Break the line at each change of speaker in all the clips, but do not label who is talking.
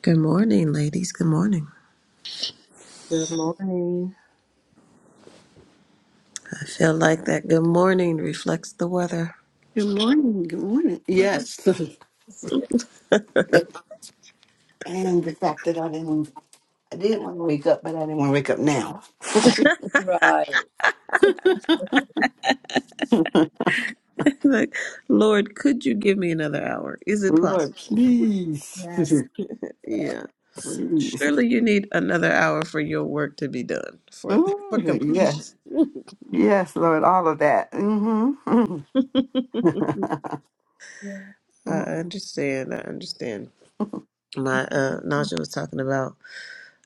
Good morning, ladies. Good morning.
Good morning.
I feel like that good morning reflects the weather.
Good morning. Good morning. Yes. and
Yeah,
the fact that I didn't, I did want to wake up, but I didn't want to wake up now.
Right.
like, Lord, could you give me another hour? Is it
Lord,
possible?
please.
Yes.
please.
Yeah. Surely you need another hour for your work to be done, for for
Ooh,
completion.
yes. Yes, Lord, all of that. Mm-hmm.
I
Yeah.
understand. I understand. My uh Naja was talking about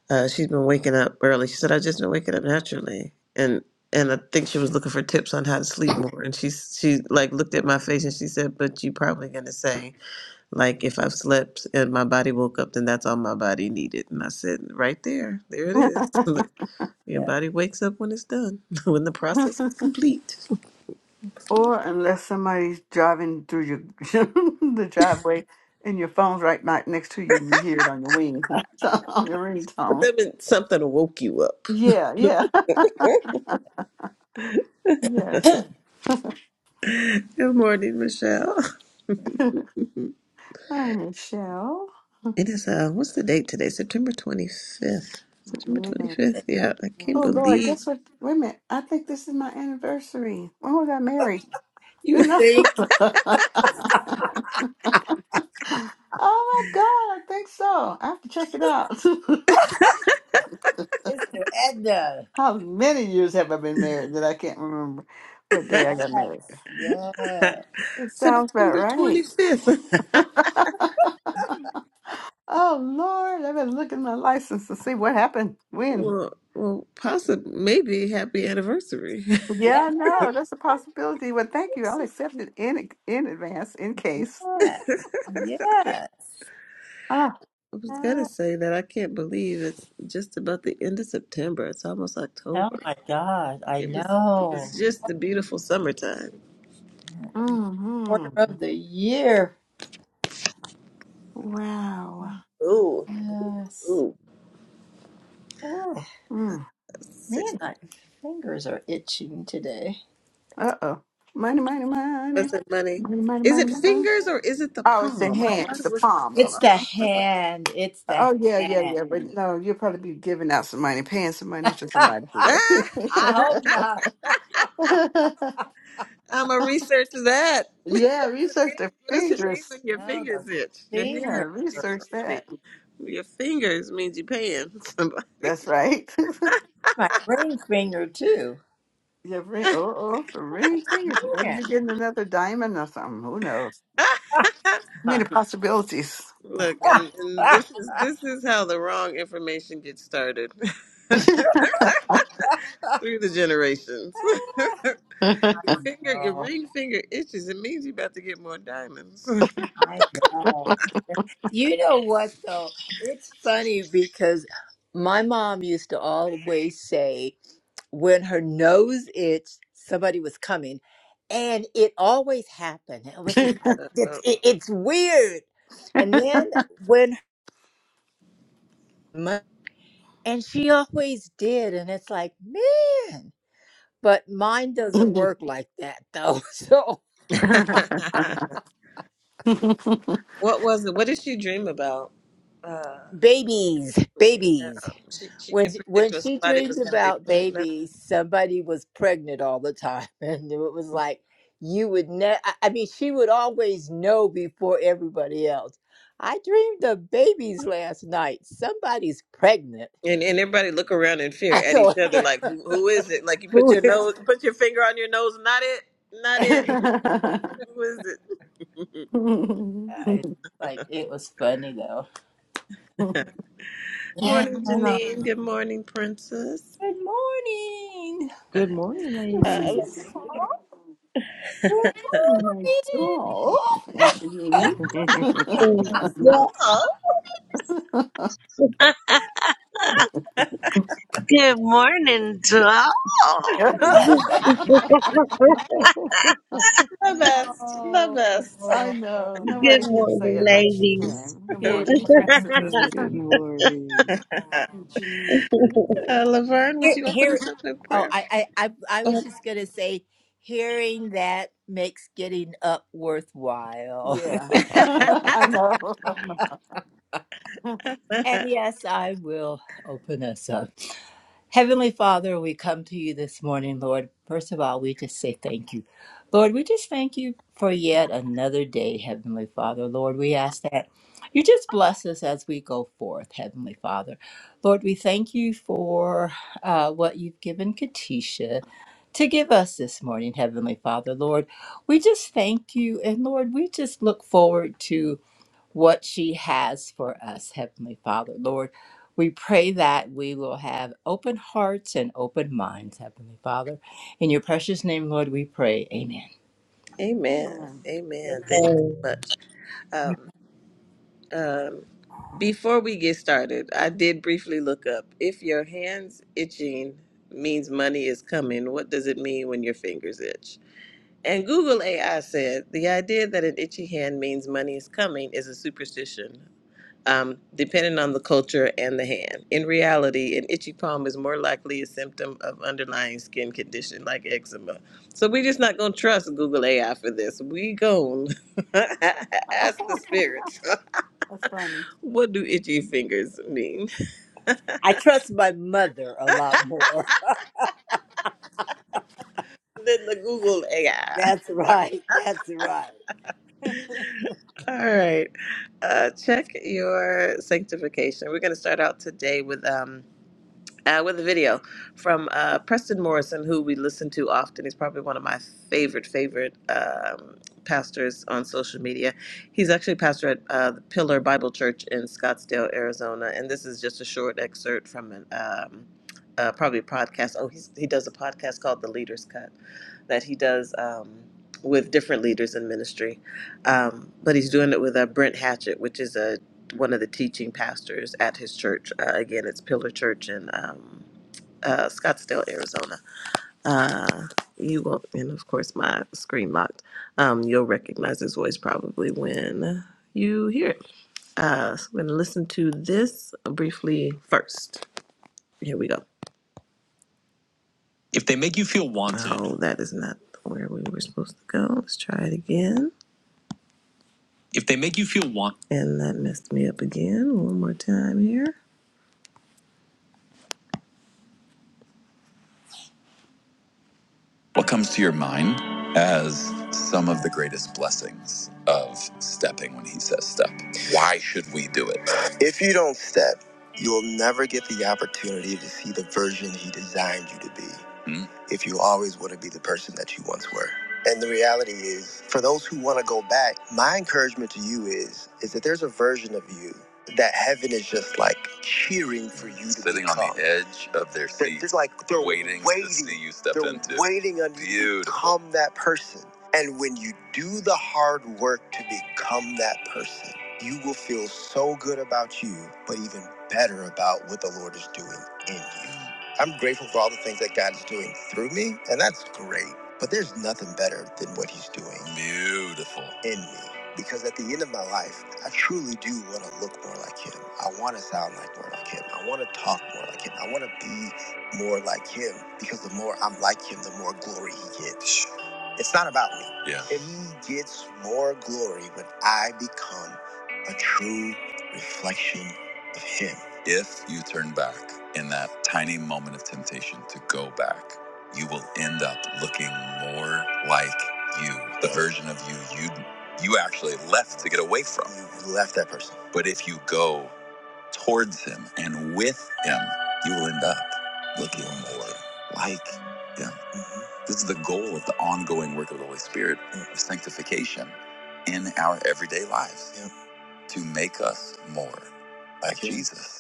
uh she's been waking up early. She said, i just been waking up naturally and and I think she was looking for tips on how to sleep more. And she she like looked at my face and she said, But you probably gonna say Like if I've slept and my body woke up, then that's all my body needed. And I said, right there, there it is. Like, your
Yeah.
body wakes up when it's done, when the process is complete.
or unless somebody's driving through your the driveway and your phone's right ni- next to you and you hear it on your wing, on your
But
ringtone.
that meant something woke you up.
Yeah, yeah. Yes.
Good morning, Michelle.
Hi, Michelle.
It is uh, what's the date today? September twenty fifth. September twenty
Yeah.
fifth. Yeah, I can't
Oh
Yes.
Lord,
believe
guess what? Wait a minute. I think this is my anniversary. When was I married?
You
You know. oh
think
my God, I think so. I have to check it out.
Sister Edna.
How many years have I been married that I can't remember what day I got married?
Yes. Yeah.
It sounds about
September twenty
right.
fifth.
Oh Lord, I better look at my license to see what happened when.
well, well, possibly maybe happy anniversary.
Yeah,
Yeah.
I know. That's a possibility. Well, thank you. I'll accept it in in advance in case.
Yes. Yes.
Ah.
I was gonna
Ah,
say that I can't believe it's just about the end of September. It's almost
Oh
October.
my God.
Like
I
it was, it
know.
was just the beautiful summertime.
Mm-hmm.
Quarter of the year.
Wow.
Ooh,
Yes.
ooh,
Ah,
Hmm.
six
man, my fingers are itching today.
Uh oh. Money, money, money.
percent money.
Money, money,
Is
money,
it
money.
fingers or is it the
Oh, it's in
palm? I thought
hands,
it
the
was the
palm. Oh,
palm.
It's the
I- I was like,
hand. It's the
oh, yeah, yeah,
hand.
yeah. But no, you'll probably be giving out some money, paying some money to somebody today.
I
Ah!
hope not.
I'm a research that. what
yeah,
does it
research
mean?
the
What does it mean
fingers.
when your
No, the
fingers itch? Your hand
Yeah,
finger.
means you get
research
money.
that.
Your fingers means you paying somebody.
That's right.
My ring finger too.
yeah, ring. Oh, oh, the ring finger. Maybe
Yeah.
you're getting another diamond or something. Who knows? Many possibilities.
Look, and, and this is this is how the wrong information gets started through the generations. your finger, your
no,
ring finger itches. It means you're about to get more diamonds.
I know. You know what though? It's funny because my mom used to always say. when her nose itched, somebody was coming, and it always happened. It was
Yeah.
just like
Uh,
it's it, it's weird. And then when my- and she always did, and it's like man, but mine doesn't work like that though. So
uh. what was it? What did she dream about? Uh,
babies,
yeah,
babies.
she she
When
could
she, when
predict what
she
somebody was
dreamed
going to be
about
pregnant,
babies, somebody was pregnant all the time, and it was like you would ne- I I mean, she would always know before everybody else. I dreamed of babies last night. Somebody's pregnant.
and and everybody look around in fear
I
at each
don't
other,
know
like who, who is it? Like you put
who
your
is.
nose, put your finger on your nose, not it, not it. who is it?
My
Yeah, It's like it was funny though. Yeah,
Morning,
I know.
Janine. Good morning, Princess.
Good morning.
Good morning,
Uh,
ladies.
Good morning.
doll and
Yeah.
Janine.
Good
I
oh,
Good morning to all.
the best, the
Oh,
best.
know
Good
nobody can say
morning,
it like she
ladies.
can. Good
good
morning, princess.
okay.
morning.
morning.
And Janine.
Uh, Laverne, would
Here,
you open
here.
us up in
Oh,
prayer?
I, I, I, I was
Go
just gonna say, hearing that makes getting up worthwhile.
Yeah,
ahead.
I know.
And yes, I will open us up. Heavenly Father, we come to you this morning, Lord. First of all, we just say thank you. Lord, we just thank you for yet another day, Heavenly Father. Lord, we ask that you just bless us as we go forth, Heavenly Father. Lord, we thank you for uh, what you've given Katisha to give us this morning, Heavenly Father. Lord, we just thank you. And Lord, we just look forward to what she has for us, Heavenly Father. Lord, we pray that we will have open hearts and open minds, Heavenly Father. In your precious name, Lord, we pray. Amen.
Amen.
Amen.
Amen. Thank you so much. Um, um, Before we get started, I did briefly look up if your hands itching means money is coming, what does it mean when your fingers itch? And Google AI said the idea that an itchy hand means money is coming is a superstition, um, depending on the culture and the hand. In reality, an itchy palm is more likely a symptom of underlying skin condition like eczema. So we're just not going to trust Google AI for this. We gon' ask the spirits.
That's funny.
What do itchy fingers mean?
I trust my mother a lot more.
than the Google AI.
That's right. That's right.
All right. Uh, check your sanctification. We're going to start out today with. um. uh, with a video from uh, Preston Morrison, who we listen to often. He's probably one of my favorite, favorite um, pastors on social media. He's actually a pastor at uh, the Pillar Bible Church in Scottsdale, Arizona. And this is just a short excerpt from an. Um, uh, probably a podcast. Oh, he's, he does a podcast called The Leader's Cut that he does um, with different leaders in ministry. Um, but he's doing it with uh, Brent Hatchett, which is a one of the teaching pastors at his church. Uh, again, it's Pillar Church in um, uh, Scottsdale, Arizona. Uh, you won't, and of course, my screen locked. Um, you'll recognize his voice probably when you hear it. Uh, so I'm going to listen to this briefly first. Here we go. If they make you feel wanted. Oh, that is not where we were supposed to go. Let's try it again. If they make you feel want. And that messed me up again. One more time here. What comes to your mind as some of the greatest blessings of stepping when he says step? Why should we do it? If you don't step, you'll never get the opportunity to see the version he designed you to be Mm. if you always want to be the person that you once were. And the reality is, for those who want to go back, my encouragement to you is is that there's a version of you that heaven is just like cheering for you to sitting become. on the edge of their seat, They're- they're like they're waiting, waiting to see you step they're into. Waiting on Beautiful. you to become that person. And when you do the hard work to become that person, you will feel so good about you, but even better about what the Lord is doing in you. I'm grateful for all the things that God is doing through me, and that's great. But there's nothing better than what He's doing. Beautiful. In me. Because at the end of my life, I truly do want to look more like Him. I want to sound like more like Him. I want to talk more like Him. I want to be more like Him. Because the more I'm like Him, the more glory He gets. It's not about me. Yeah. And He gets more glory when I become a true reflection of Him. If you turn back in that tiny moment of temptation to go back, you will end up looking more like you, the version of you you you actually left to get away from. You left that person. But if you go towards him and with him, you will end up looking more like him. Mm-hmm. This is the goal of the ongoing work of the Holy Spirit mm-hmm. of sanctification in our everyday lives yep. to make us more like like Jesus.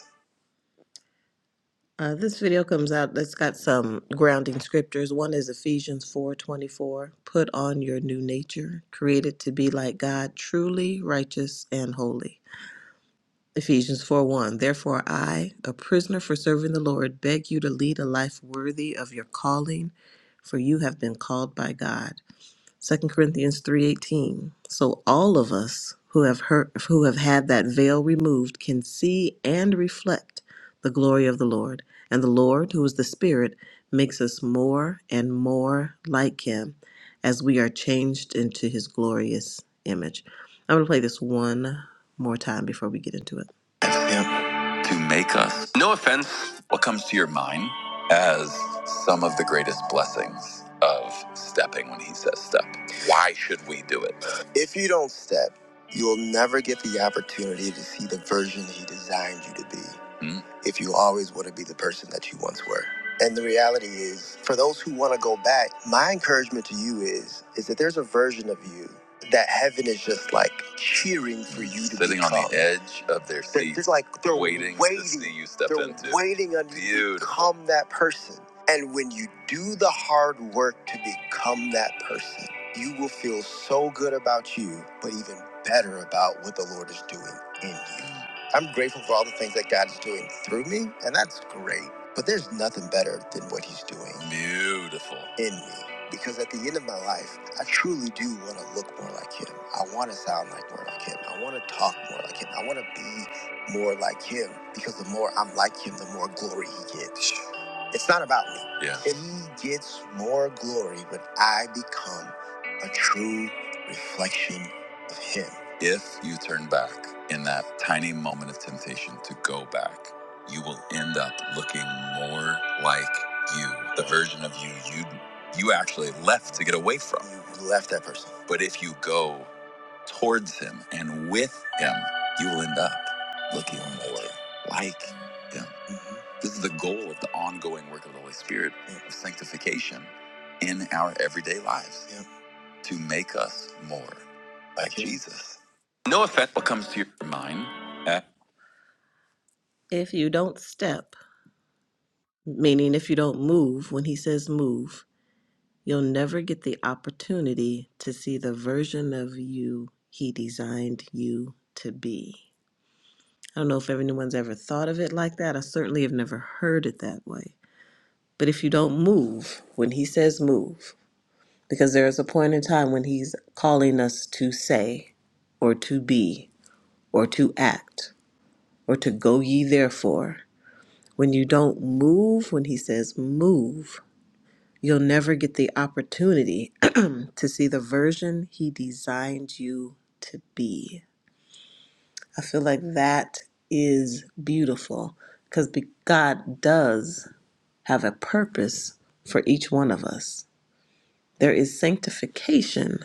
Uh, this video comes out. It's got some grounding scriptures. One is Ephesians four twenty four. Put on your new nature, created to be like God, truly righteous and holy. Ephesians 4 1. Therefore, I, a prisoner for serving the Lord, beg you to lead a life worthy of your calling, for you have been called by God. Second Corinthians 3:18. So all of us who have heard who have had that veil removed can see and reflect the glory of the Lord. And the Lord, who is the Spirit, makes us more and more like him as we are changed into his glorious image. I'm going to play this one more time before we get into it to make us. No offense. What comes to your mind as some of the greatest blessings of stepping when he says step? Why should we do it? If you don't step, you'll never get the opportunity to see the version he designed you to be Hmm? if you always want to be the person that you once were. And the reality is, for those who want to go back, my encouragement to you is is that there's a version of you that heaven is just like cheering for you to sitting become. on the edge of their They're- seat. It's like they're waiting, waiting to see you step they're into. Waiting on you to Beautiful. become that person. And when you do the hard work to become that person, you will feel so good about you, but even better about what the Lord is doing in you. I'm grateful for all the things that God's doing through me, and that's great. But there's nothing better than what He's doing. Beautiful. In me. Because at the end of my life, I truly do want to look more like Him. I want to sound like more like Him. I want to talk more like Him. I want to be more like Him. Because the more I'm like Him, the more glory He gets. It's not about me. Yeah. He gets more glory when I become a true reflection of Him. If you turn back in that tiny moment of temptation to go back, you will end up looking more like you, the version of you you you actually left to get away from. You left that person. But if you go towards him and with him, you will end up looking more like him. Mhm. This is the goal of the ongoing work of the Holy Spirit Yeah. of sanctification in our everyday lives. Yeah to make us more like Jesus. No offense, what comes to your mind? eh? If you don't step, meaning if you don't move, when he says move, you'll never get the opportunity to see the version of you he designed you to be. I don't know if anyone's ever thought of it like that. I certainly have never heard it that way. But if you don't move, when he says move, because there is a point in time when he's calling us to say or to be or to act or to go ye therefore. When you don't move, when he says move, you'll never get the opportunity to see the version he designed you to be. I feel like that is beautiful because God does have a purpose for each one of us. There is sanctification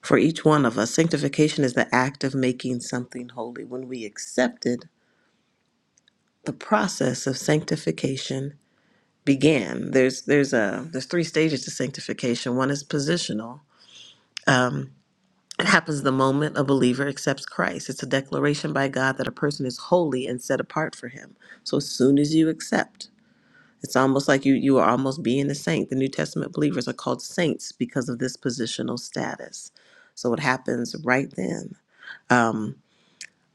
for each one of us. Sanctification is the act of making something holy. When we accept it, the process of sanctification began. There's there's a there's three stages to sanctification. One is positional. It happens the moment a believer accepts Christ. It's a declaration by God that a person is holy and set apart for him. So as soon as you accept, it's almost like you you are almost being a saint. The New Testament believers are called saints because of this positional status. So it happens right then. Um,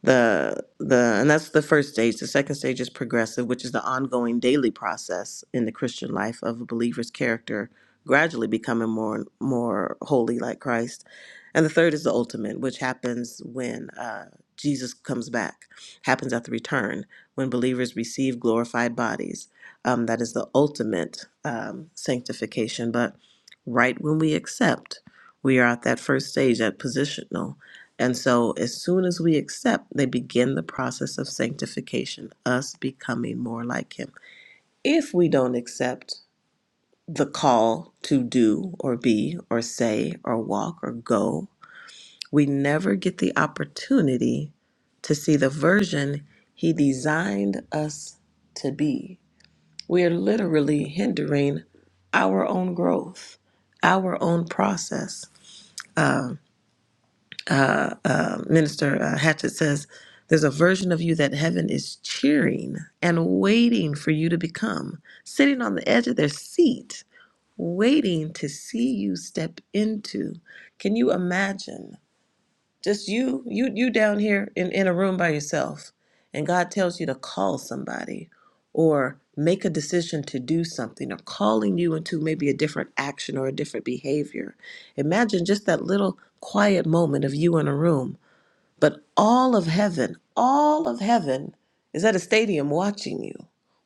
the the and that's the first stage the second stage is progressive which is the ongoing daily process in the christian life of a believer's character gradually becoming more and more holy like christ and the third is the ultimate which happens when uh, jesus comes back happens at the return when believers receive glorified bodies um, that is the ultimate um, sanctification but right when we accept we are at that first stage at positional and so, as soon as we accept, they begin the process of sanctification, us becoming more like Him. If we don't accept the call to do or be or say or walk or go, we never get the opportunity to see the version He designed us to be. We are literally hindering our own growth, our own process. Minister uh, Hatchett says, There's a version of you that heaven is cheering and waiting for you to become, sitting on the edge of their seat, waiting to see you step into. Can you imagine? Just you, you, you down here in, in a room by yourself, and God tells you to call somebody or make a decision to do something or calling you into maybe a different action or a different behavior. Imagine just that little quiet moment of you in a room but all of heaven, all of heaven is at a stadium watching you,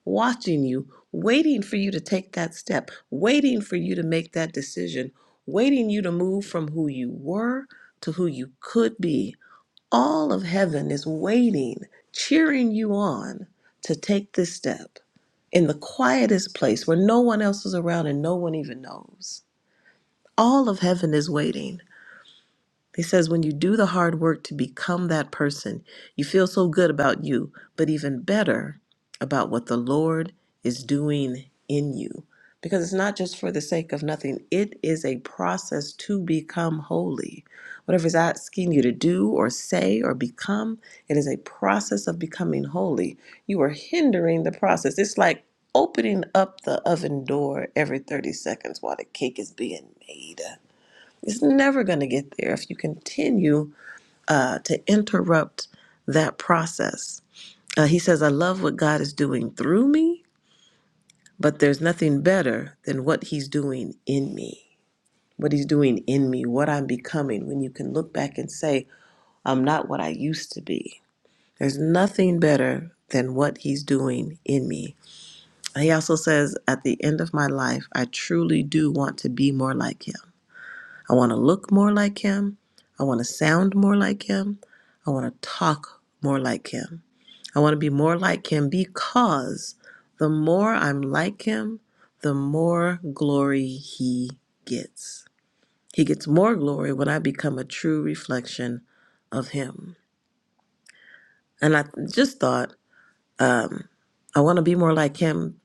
watching you, waiting for you to take that step, waiting for you to make that decision, waiting you to move from who you were to who you could be. All of heaven is waiting, cheering you on to take this step in the quietest place where no one else is around and no one even knows. All of heaven is waiting. He says, when you do the hard work to become that person, you feel so good about you, but even better about what the Lord is doing in you. Because it's not just for the sake of nothing, it is a process to become holy. Whatever is asking you to do or say or become, it is a process of becoming holy. You are hindering the process. It's like opening up the oven door every 30 seconds while the cake is being made. It's never going to get there if you continue uh, to interrupt that process. Uh, he says, I love what God is doing through me, but there's nothing better than what He's doing in me. What He's doing in me, what I'm becoming, when you can look back and say, I'm not what I used to be. There's nothing better than what He's doing in me. He also says, At the end of my life, I truly do want to be more like Him. I want to look more like him. I want to sound more like him. I want to talk more like him. I want to be more like him because the more I'm like him, the more glory he gets. He gets more glory when I become a true reflection of him. And I just thought, um, I want to be more like him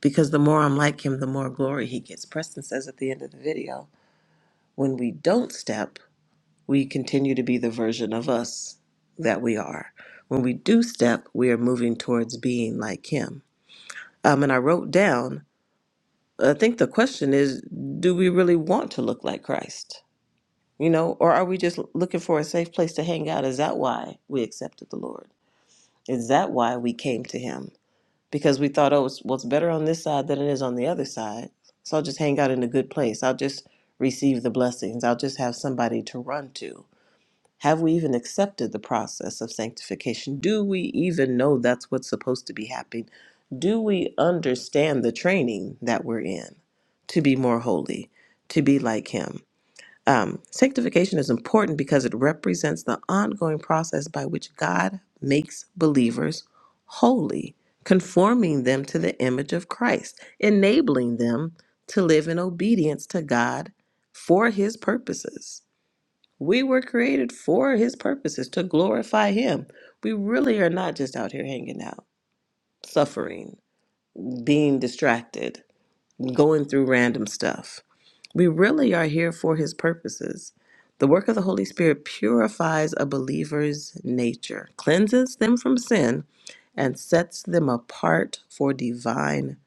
because the more I'm like him, the more glory he gets. Preston says at the end of the video, when we don't step, we continue to be the version of us that we are. When we do step, we are moving towards being like Him. Um, and I wrote down, I think the question is do we really want to look like Christ? You know, or are we just looking for a safe place to hang out? Is that why we accepted the Lord? Is that why we came to Him? Because we thought, oh, it's, well, it's better on this side than it is on the other side. So I'll just hang out in a good place. I'll just receive the blessings. I'll just have somebody to run to Have we even accepted the process of sanctification? Do we even know that's what's supposed to be happening? Do we understand the training that we're in to be more holy, to be like Him? Um, sanctification is important because it represents the ongoing process by which God makes believers holy, conforming them to the image of Christ, enabling them to live in obedience to God for His purposes. We were created for his purposes to glorify him. We really are not just out here hanging out, suffering, being distracted, going through random stuff. We really are here for his purposes. The work of the Holy Spirit purifies a believer's nature, cleanses them from sin, and sets them apart for divine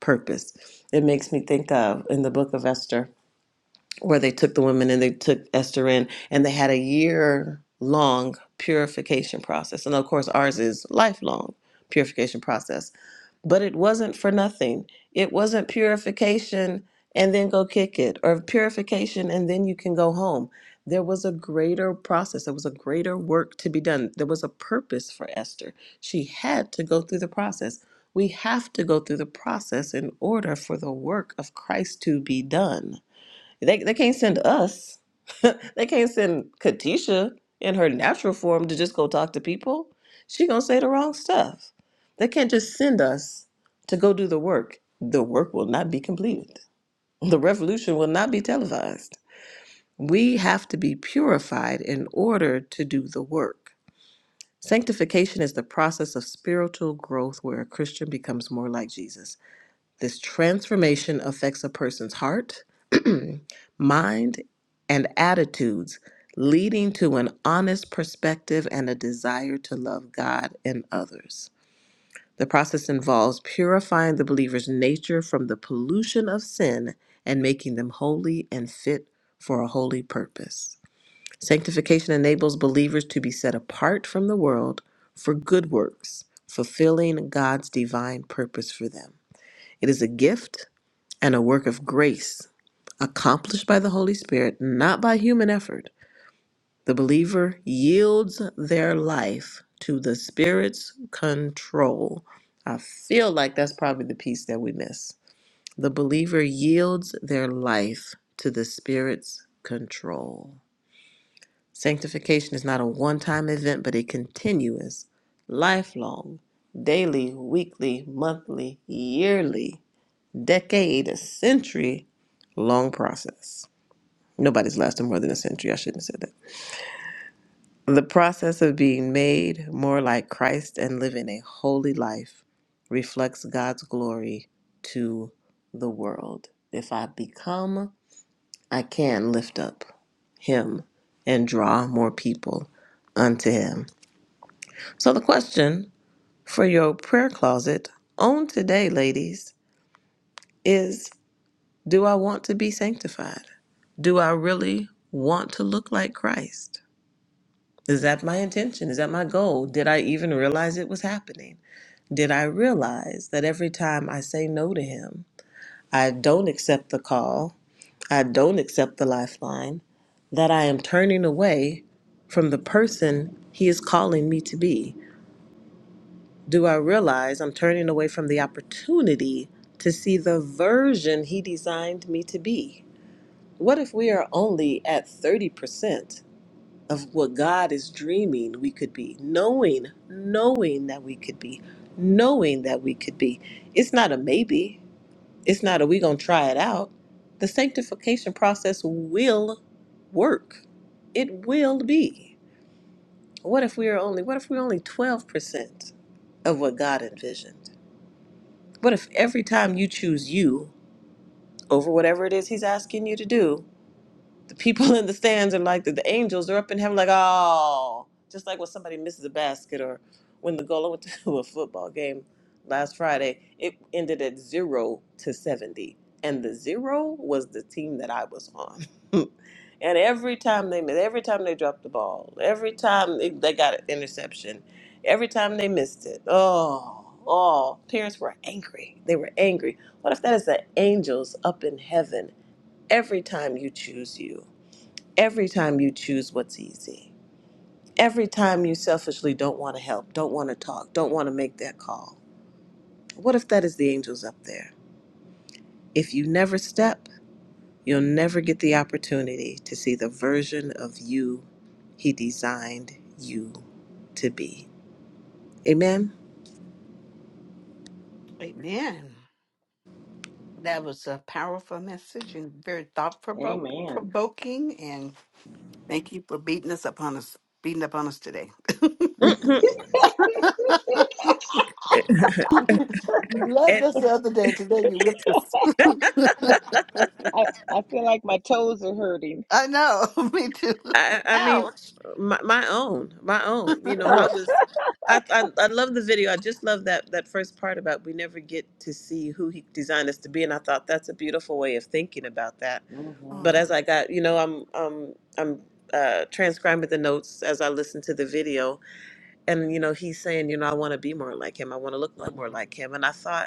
purpose. It makes me think of in the book of Esther where they took the women and they took Esther in, and they had a year long purification process. And of course, ours is lifelong purification process. But it wasn't for nothing. It wasn't purification and then go kick it, or purification and then you can go home. There was a greater process. There was a greater work to be done. There was a purpose for Esther. She had to go through the process. We have to go through the process in order for the work of Christ to be done. They they can't send us. they can't send Katisha in her natural form to just go talk to people. She gonna say the wrong stuff. They can't just send us to go do the work. The work will not be completed. The revolution will not be televised. We have to be purified in order to do the work. Sanctification is the process of spiritual growth where a Christian becomes more like Jesus. This transformation affects a person's heart, mind, and attitudes, leading to an honest perspective and a desire to love God and others. The process involves purifying the believer's nature from the pollution of sin and making them holy and fit for a holy purpose. Sanctification enables believers to be set apart from the world for good works, fulfilling God's divine purpose for them. It is a gift and a work of grace accomplished by the Holy Spirit, not by human effort, the believer yields their life to the Spirit's control. I feel like that's probably the piece that we miss. The believer yields their life to the Spirit's control. Sanctification is not a one time event, but a continuous, lifelong, daily, weekly, monthly, yearly, decade, century long process. Nobody's lasted more than a century. I shouldn't have said that. The process of being made more like Christ and living a holy life reflects God's glory to the world. If I become, I can lift up Him and draw more people unto Him. So, the question for your prayer closet on today, ladies, is do I want to be sanctified? Do I really want to look like Christ? Is that my intention? Is that my goal? Did I even realize it was happening? Did I realize that every time I say no to him, I don't accept the call, I don't accept the lifeline, that I am turning away from the person he is calling me to be? Do I realize I'm turning away from the opportunity to see the version he designed me to be? What if we are only at 30%? of what God is dreaming we could be, knowing, knowing that we could be, knowing that we could be. It's not a maybe. It's not a we gonna try it out. The sanctification process will work. It will be. What if we are only what if we're only twelve percent of what God envisioned? What if every time you choose you over whatever it is he's asking you to do, the people in the stands are like the, the angels are up in heaven like oh just like when somebody misses a basket or when the goal I went to a football game last friday it ended at zero to 70 and the zero was the team that i was on and every time they missed every time they dropped the ball every time they, they got an interception every time they missed it oh oh parents were angry they were angry what if that is the angels up in heaven every time you choose you Every time you choose what's easy, every time you selfishly don't want to help, don't want to talk, don't want to make that call, what if that is the angels up there? If you never step, you'll never get the opportunity to see the version of you he designed you to be. Amen?
Amen. That was a powerful message and very thought
Amen.
provoking, Thank you for beating us upon us, beating upon us today.
Mhm.
You loved
And
us the other day. Today you whipped us.
I, I feel like my toes are hurting.
I know, me too.
I, I mean,
Ouch.
my, my own, my own. You know, I
Oh.
was, I, I, I love the video. I just love that that first part about we never get to see who he designed us to be, and I thought that's a beautiful way of thinking about that. But
Mhm.
as
Mhm.
I got, you know, I'm, um, I'm uh, transcribing the notes as I listen to the video, and you know, he's saying, you know, I want to be more like him. I want to look like more like him, and I thought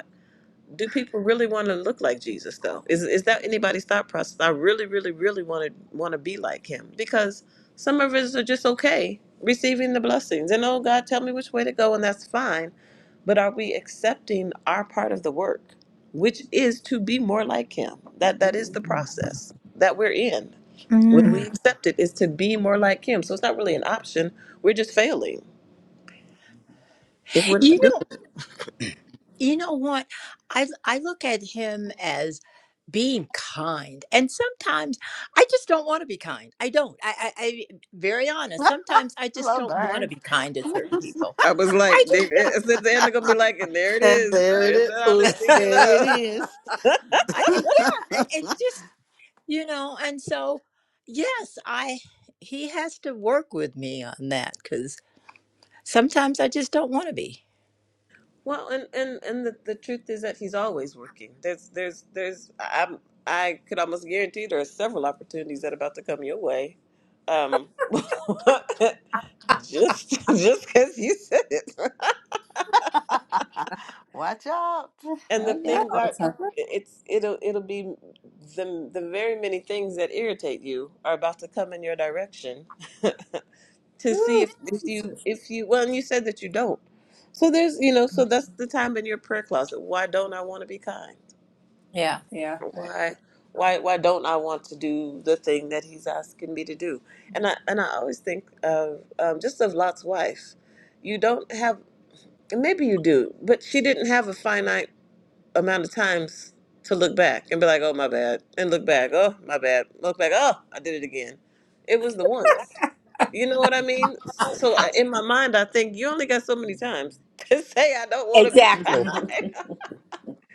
do people really want to look like Jesus though? Is is that anybody's thought process? I really, really, really want to want to be like him because some of us are just okay receiving the blessings and oh God, tell me which way to go and that's fine. But are we accepting our part of the work, which is to be more like him? That that is the
Mhm. Mhm.
process that we're in. When
Mm.
we accept it is to be more like him. So it's not really an option. We're just failing if we're
You
not
know, you know what? I I look at him as being kind, and sometimes I just don't want to be kind. I don't. I, I, I very honest. Sometimes I just
Love
don't want to
burns.
be kind to certain people.
I was like,
I
they,
just don't.
I said the end, they're gonna be like, and there it
and
is.
there it
There's
is.
that
Oops,
honesty we
there it
love.
I
is.
I- yeah, I- it's just you know, and so yes, I he has to work with me on that because sometimes I just don't want to be.
Well, and and and the, the truth is that he's always working. There's there's there's I'm I could almost guarantee there are several opportunities that are about to come your way. Um, just just because you said it,
Watch out.
and
I
the
know.
things are
It's like,
it's it'll it'll be the the very many things that irritate you are about to come in your direction. to see if,
oh,
if you
Jesus.
if you well and you said that you don't so there's you know so that's the time in your prayer closet why don't i want to be kind
Yeah, yeah. I-
why why why don't i want to do the thing that he's asking me to do and i and i always think of um, just of lot's wife you don't have and maybe you do but she didn't have a finite amount of times to look back and be like oh my bad and look back oh my bad look back oh i did it again it was the once you know what I mean? So uh, in my mind, I think you only got so many times to say I don't want to be
Mhm. Mhm.
Exactly.
kind.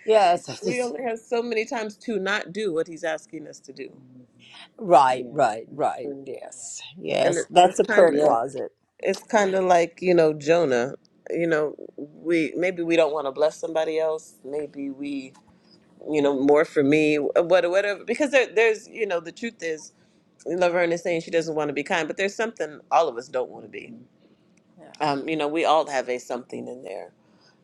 Yes. I
we
just-
only have so many times to not do what he's asking us to do,
Mhm.
right.
Yeah,
Right.
that's
Right.
true.
Yes.
and
Yes.
it's,
That's
it's
a
kind
prayer
of
Yeah.
closet.
it's kind of like you know Jonah. You know, we maybe we don't want to bless somebody else. Maybe we you know more for me, what whatever. Because there, there's you know the truth is, Laverne is saying she doesn't want to be kind, but there's something all of us don't want to be
Mhm.
Yeah.
Um, you know, we all have a something in there.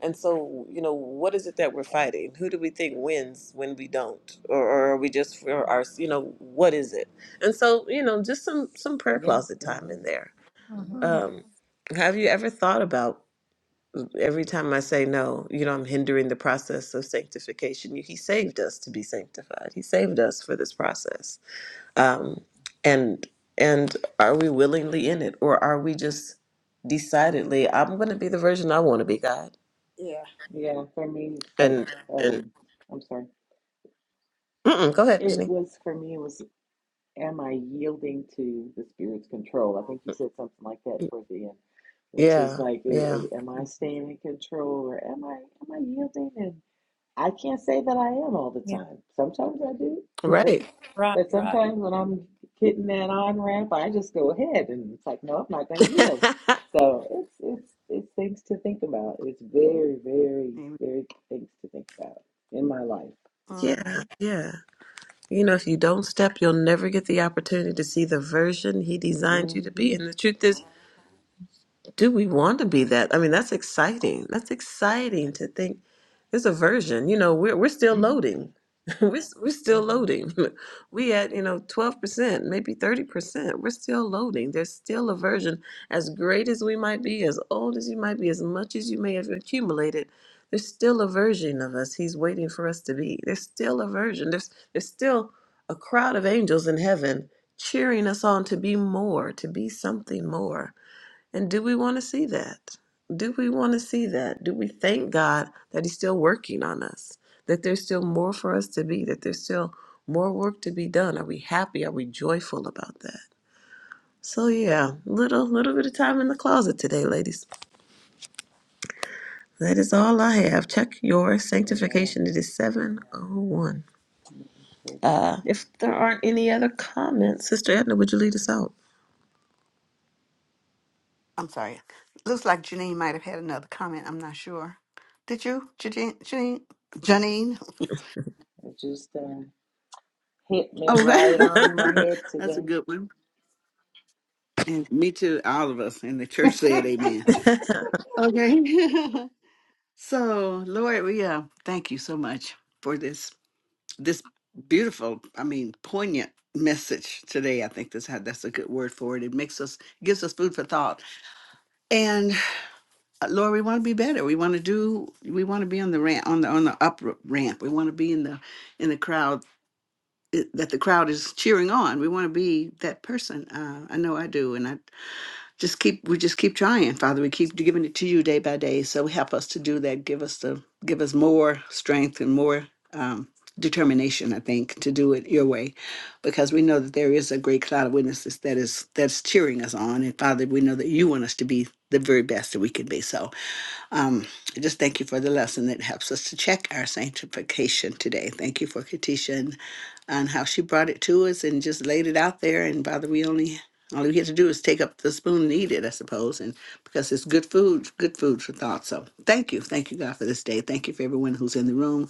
And so, you know, what is it that we're fighting? Who do we think wins when we don't? Or, or are we just for
Right.
our, you know, what is it? And so, you know, just some, some prayer
Yeah.
closet time in
Amen.
there.
Mhm.
Mm-hmm.
Um, have you ever thought about every time I say no, you know, I'm hindering the process of sanctification? He saved us to be sanctified, He saved us for this process um, and and are we willingly in it or are we just decidedly i'm going to be the version i
Mhm.
want to be god
Yeah.
Yeah, for me, it's like,
and and
um, I'm sorry.
mm-mm, go ahead
It
Janine.
was for me. It was. Am I yielding to the Spirit's control? I think you said something like that toward the end, which is
yeah
like, i
yeah
i am I staying in control or am I am I yielding? And I can't say that I am all the
Yeah.
time. Sometimes I do, but
right
Right,
but
right.
sometimes when I'm hitting that on ramp, I just go ahead and it's like, no, I'm not going to yield. So it's it's it's things to think about. It's very very
Mhm.
very things to think about in my life.
yeah yeah you know if you don't step you'll never get the opportunity to see the version he designed you
hmm
to be
hmm
and the truth is do we want to be that? I mean, that's exciting. That's exciting to think there's a version. You know, we're we're still loading. we're s- we're still
hmm
loading. we at, you know, 12%, maybe 30%. We're still loading. There's still a version as great as we might be, as old as you might be, as much as you may have accumulated. There's still a version of us he's waiting for us to be. There's still a version. There's there's still a crowd of angels in heaven cheering us on to be more, to be something more and do we want to see that? Do we want to see that? Do we thank God that He's still working on us? That there's still more for us to be? That there's still more work to be done? Are we happy? Are we joyful about that? So yeah, little little bit of time in the closet today, ladies. That is all I have. Check your
Amen.
sanctification. It is seven oh one.
Okay.
Uh, if there aren't any other comments, Sister Edna, would you lead us out?
I'm sorry. Looks like Janine might have had another comment. I'm not sure. Did you, Janine? Janine? Janine?
It just uh, hit me
Okay,
right on my head
that's a
today.
good one. And me too, all of us and the church said amen. Okay. so, Lord, we uh, thank you so much for this this beautiful, I mean, poignant message today. I think that's how that's a good word for it. It makes us gives us food for thought. And uh, Lord, we want to be better. We want to do we want to be on the ramp on the on the up r- ramp. We want to be in the in the crowd uh, that the crowd is cheering on. We want to be that person. Uh, I know I do, and I just keep we just keep trying father we keep giving it to you day by day so help us to do that give us the give us more strength and more um, determination i think to do it your way because we know that there is a great cloud of witnesses that is that's cheering us on and father we know that you want us to be the very best that we can be so um, I just thank you for the lesson that helps us to check our sanctification today. Thank you for Katisha and, and how she brought it to us and just laid it out there. And Father, we only all we have to do is take up the spoon and eat it, I suppose. And because it's good food, good food for thought. So thank you. Thank you, God, for this day. Thank you for everyone who's in the room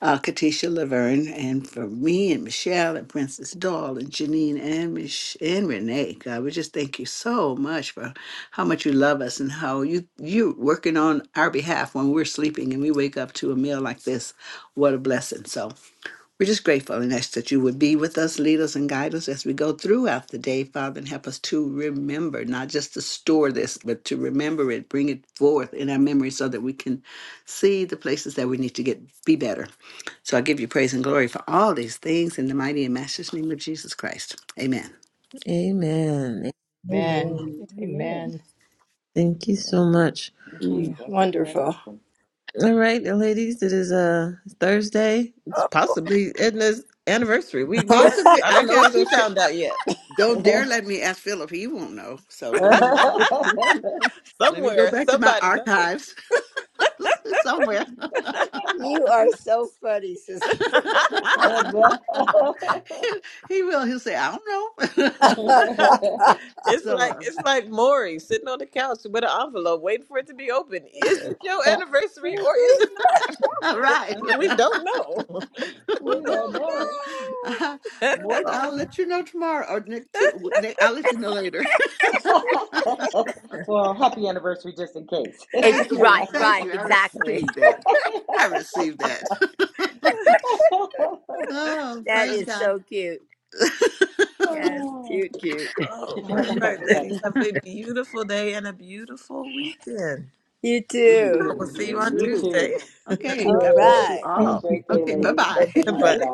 uh, Katisha Laverne, and for me and Michelle and Princess Doll and Janine and Mich- and Renee. God, we just thank you so much for how much you love us and how you you working on our behalf when we're sleeping and we wake up to a meal like this. What a blessing! So we're just grateful and ask that you would be with us, lead us, and guide us as we go throughout the day, Father, and help us to remember, not just to store this, but to remember it, bring it forth in our memory so that we can see the places that we need to get be better so I give you praise and glory for all these things in the mighty and matchless name of Jesus Christ. Amen.
Amen.
Amen.
Amen.
Amen.
Amen.
Thank you
Thank
so
you.
much.
Thank
hmm
Mm.
you.
Thank you for that
Wonderful.
lesson.
All right, and ladies, it is a uh Thursday. It's possibly Edna's anniversary. We we not
Possibly,
I
I
don't know if
gotta go
she
check.
found out yet.
Don't dare let me ask Philip; he won't know. So let
and,
me
uh,
let me go
Somewhere,
back to my
somebody knows.
archives somewhere.
You are so funny, sister.
he will. He'll say, "I don't
we
know."
don't
it's
so,
like
uh,
it's like Maury sitting on the couch with an envelope waiting for it to be opened. Is it your anniversary or is it not?
all right.
We don't know.
we don't
know.
know.
Uh, More,
Oh.
I'll let you know tomorrow, or Nick too. Nick, I'll let you know later.
well, happy anniversary just in case.
It,
Thank you.
right,
Thank
right,
you. I
exactly.
received that. I received that. oh,
That
praise
is
God.
so cute. Yes, cute, cute.
Oh, all right, ladies. Have a beautiful day and a beautiful weekend.
You
you
too.
too.
We'll see
You
you
Amen.
on
You
too.
too.
Tuesday.
Okay.
All
God
Yeah.
bless you
right.
Have a
all.
great day,
Okay. Bye
ladies.
bye.
Bye
Bye-bye.
Bye.
bye.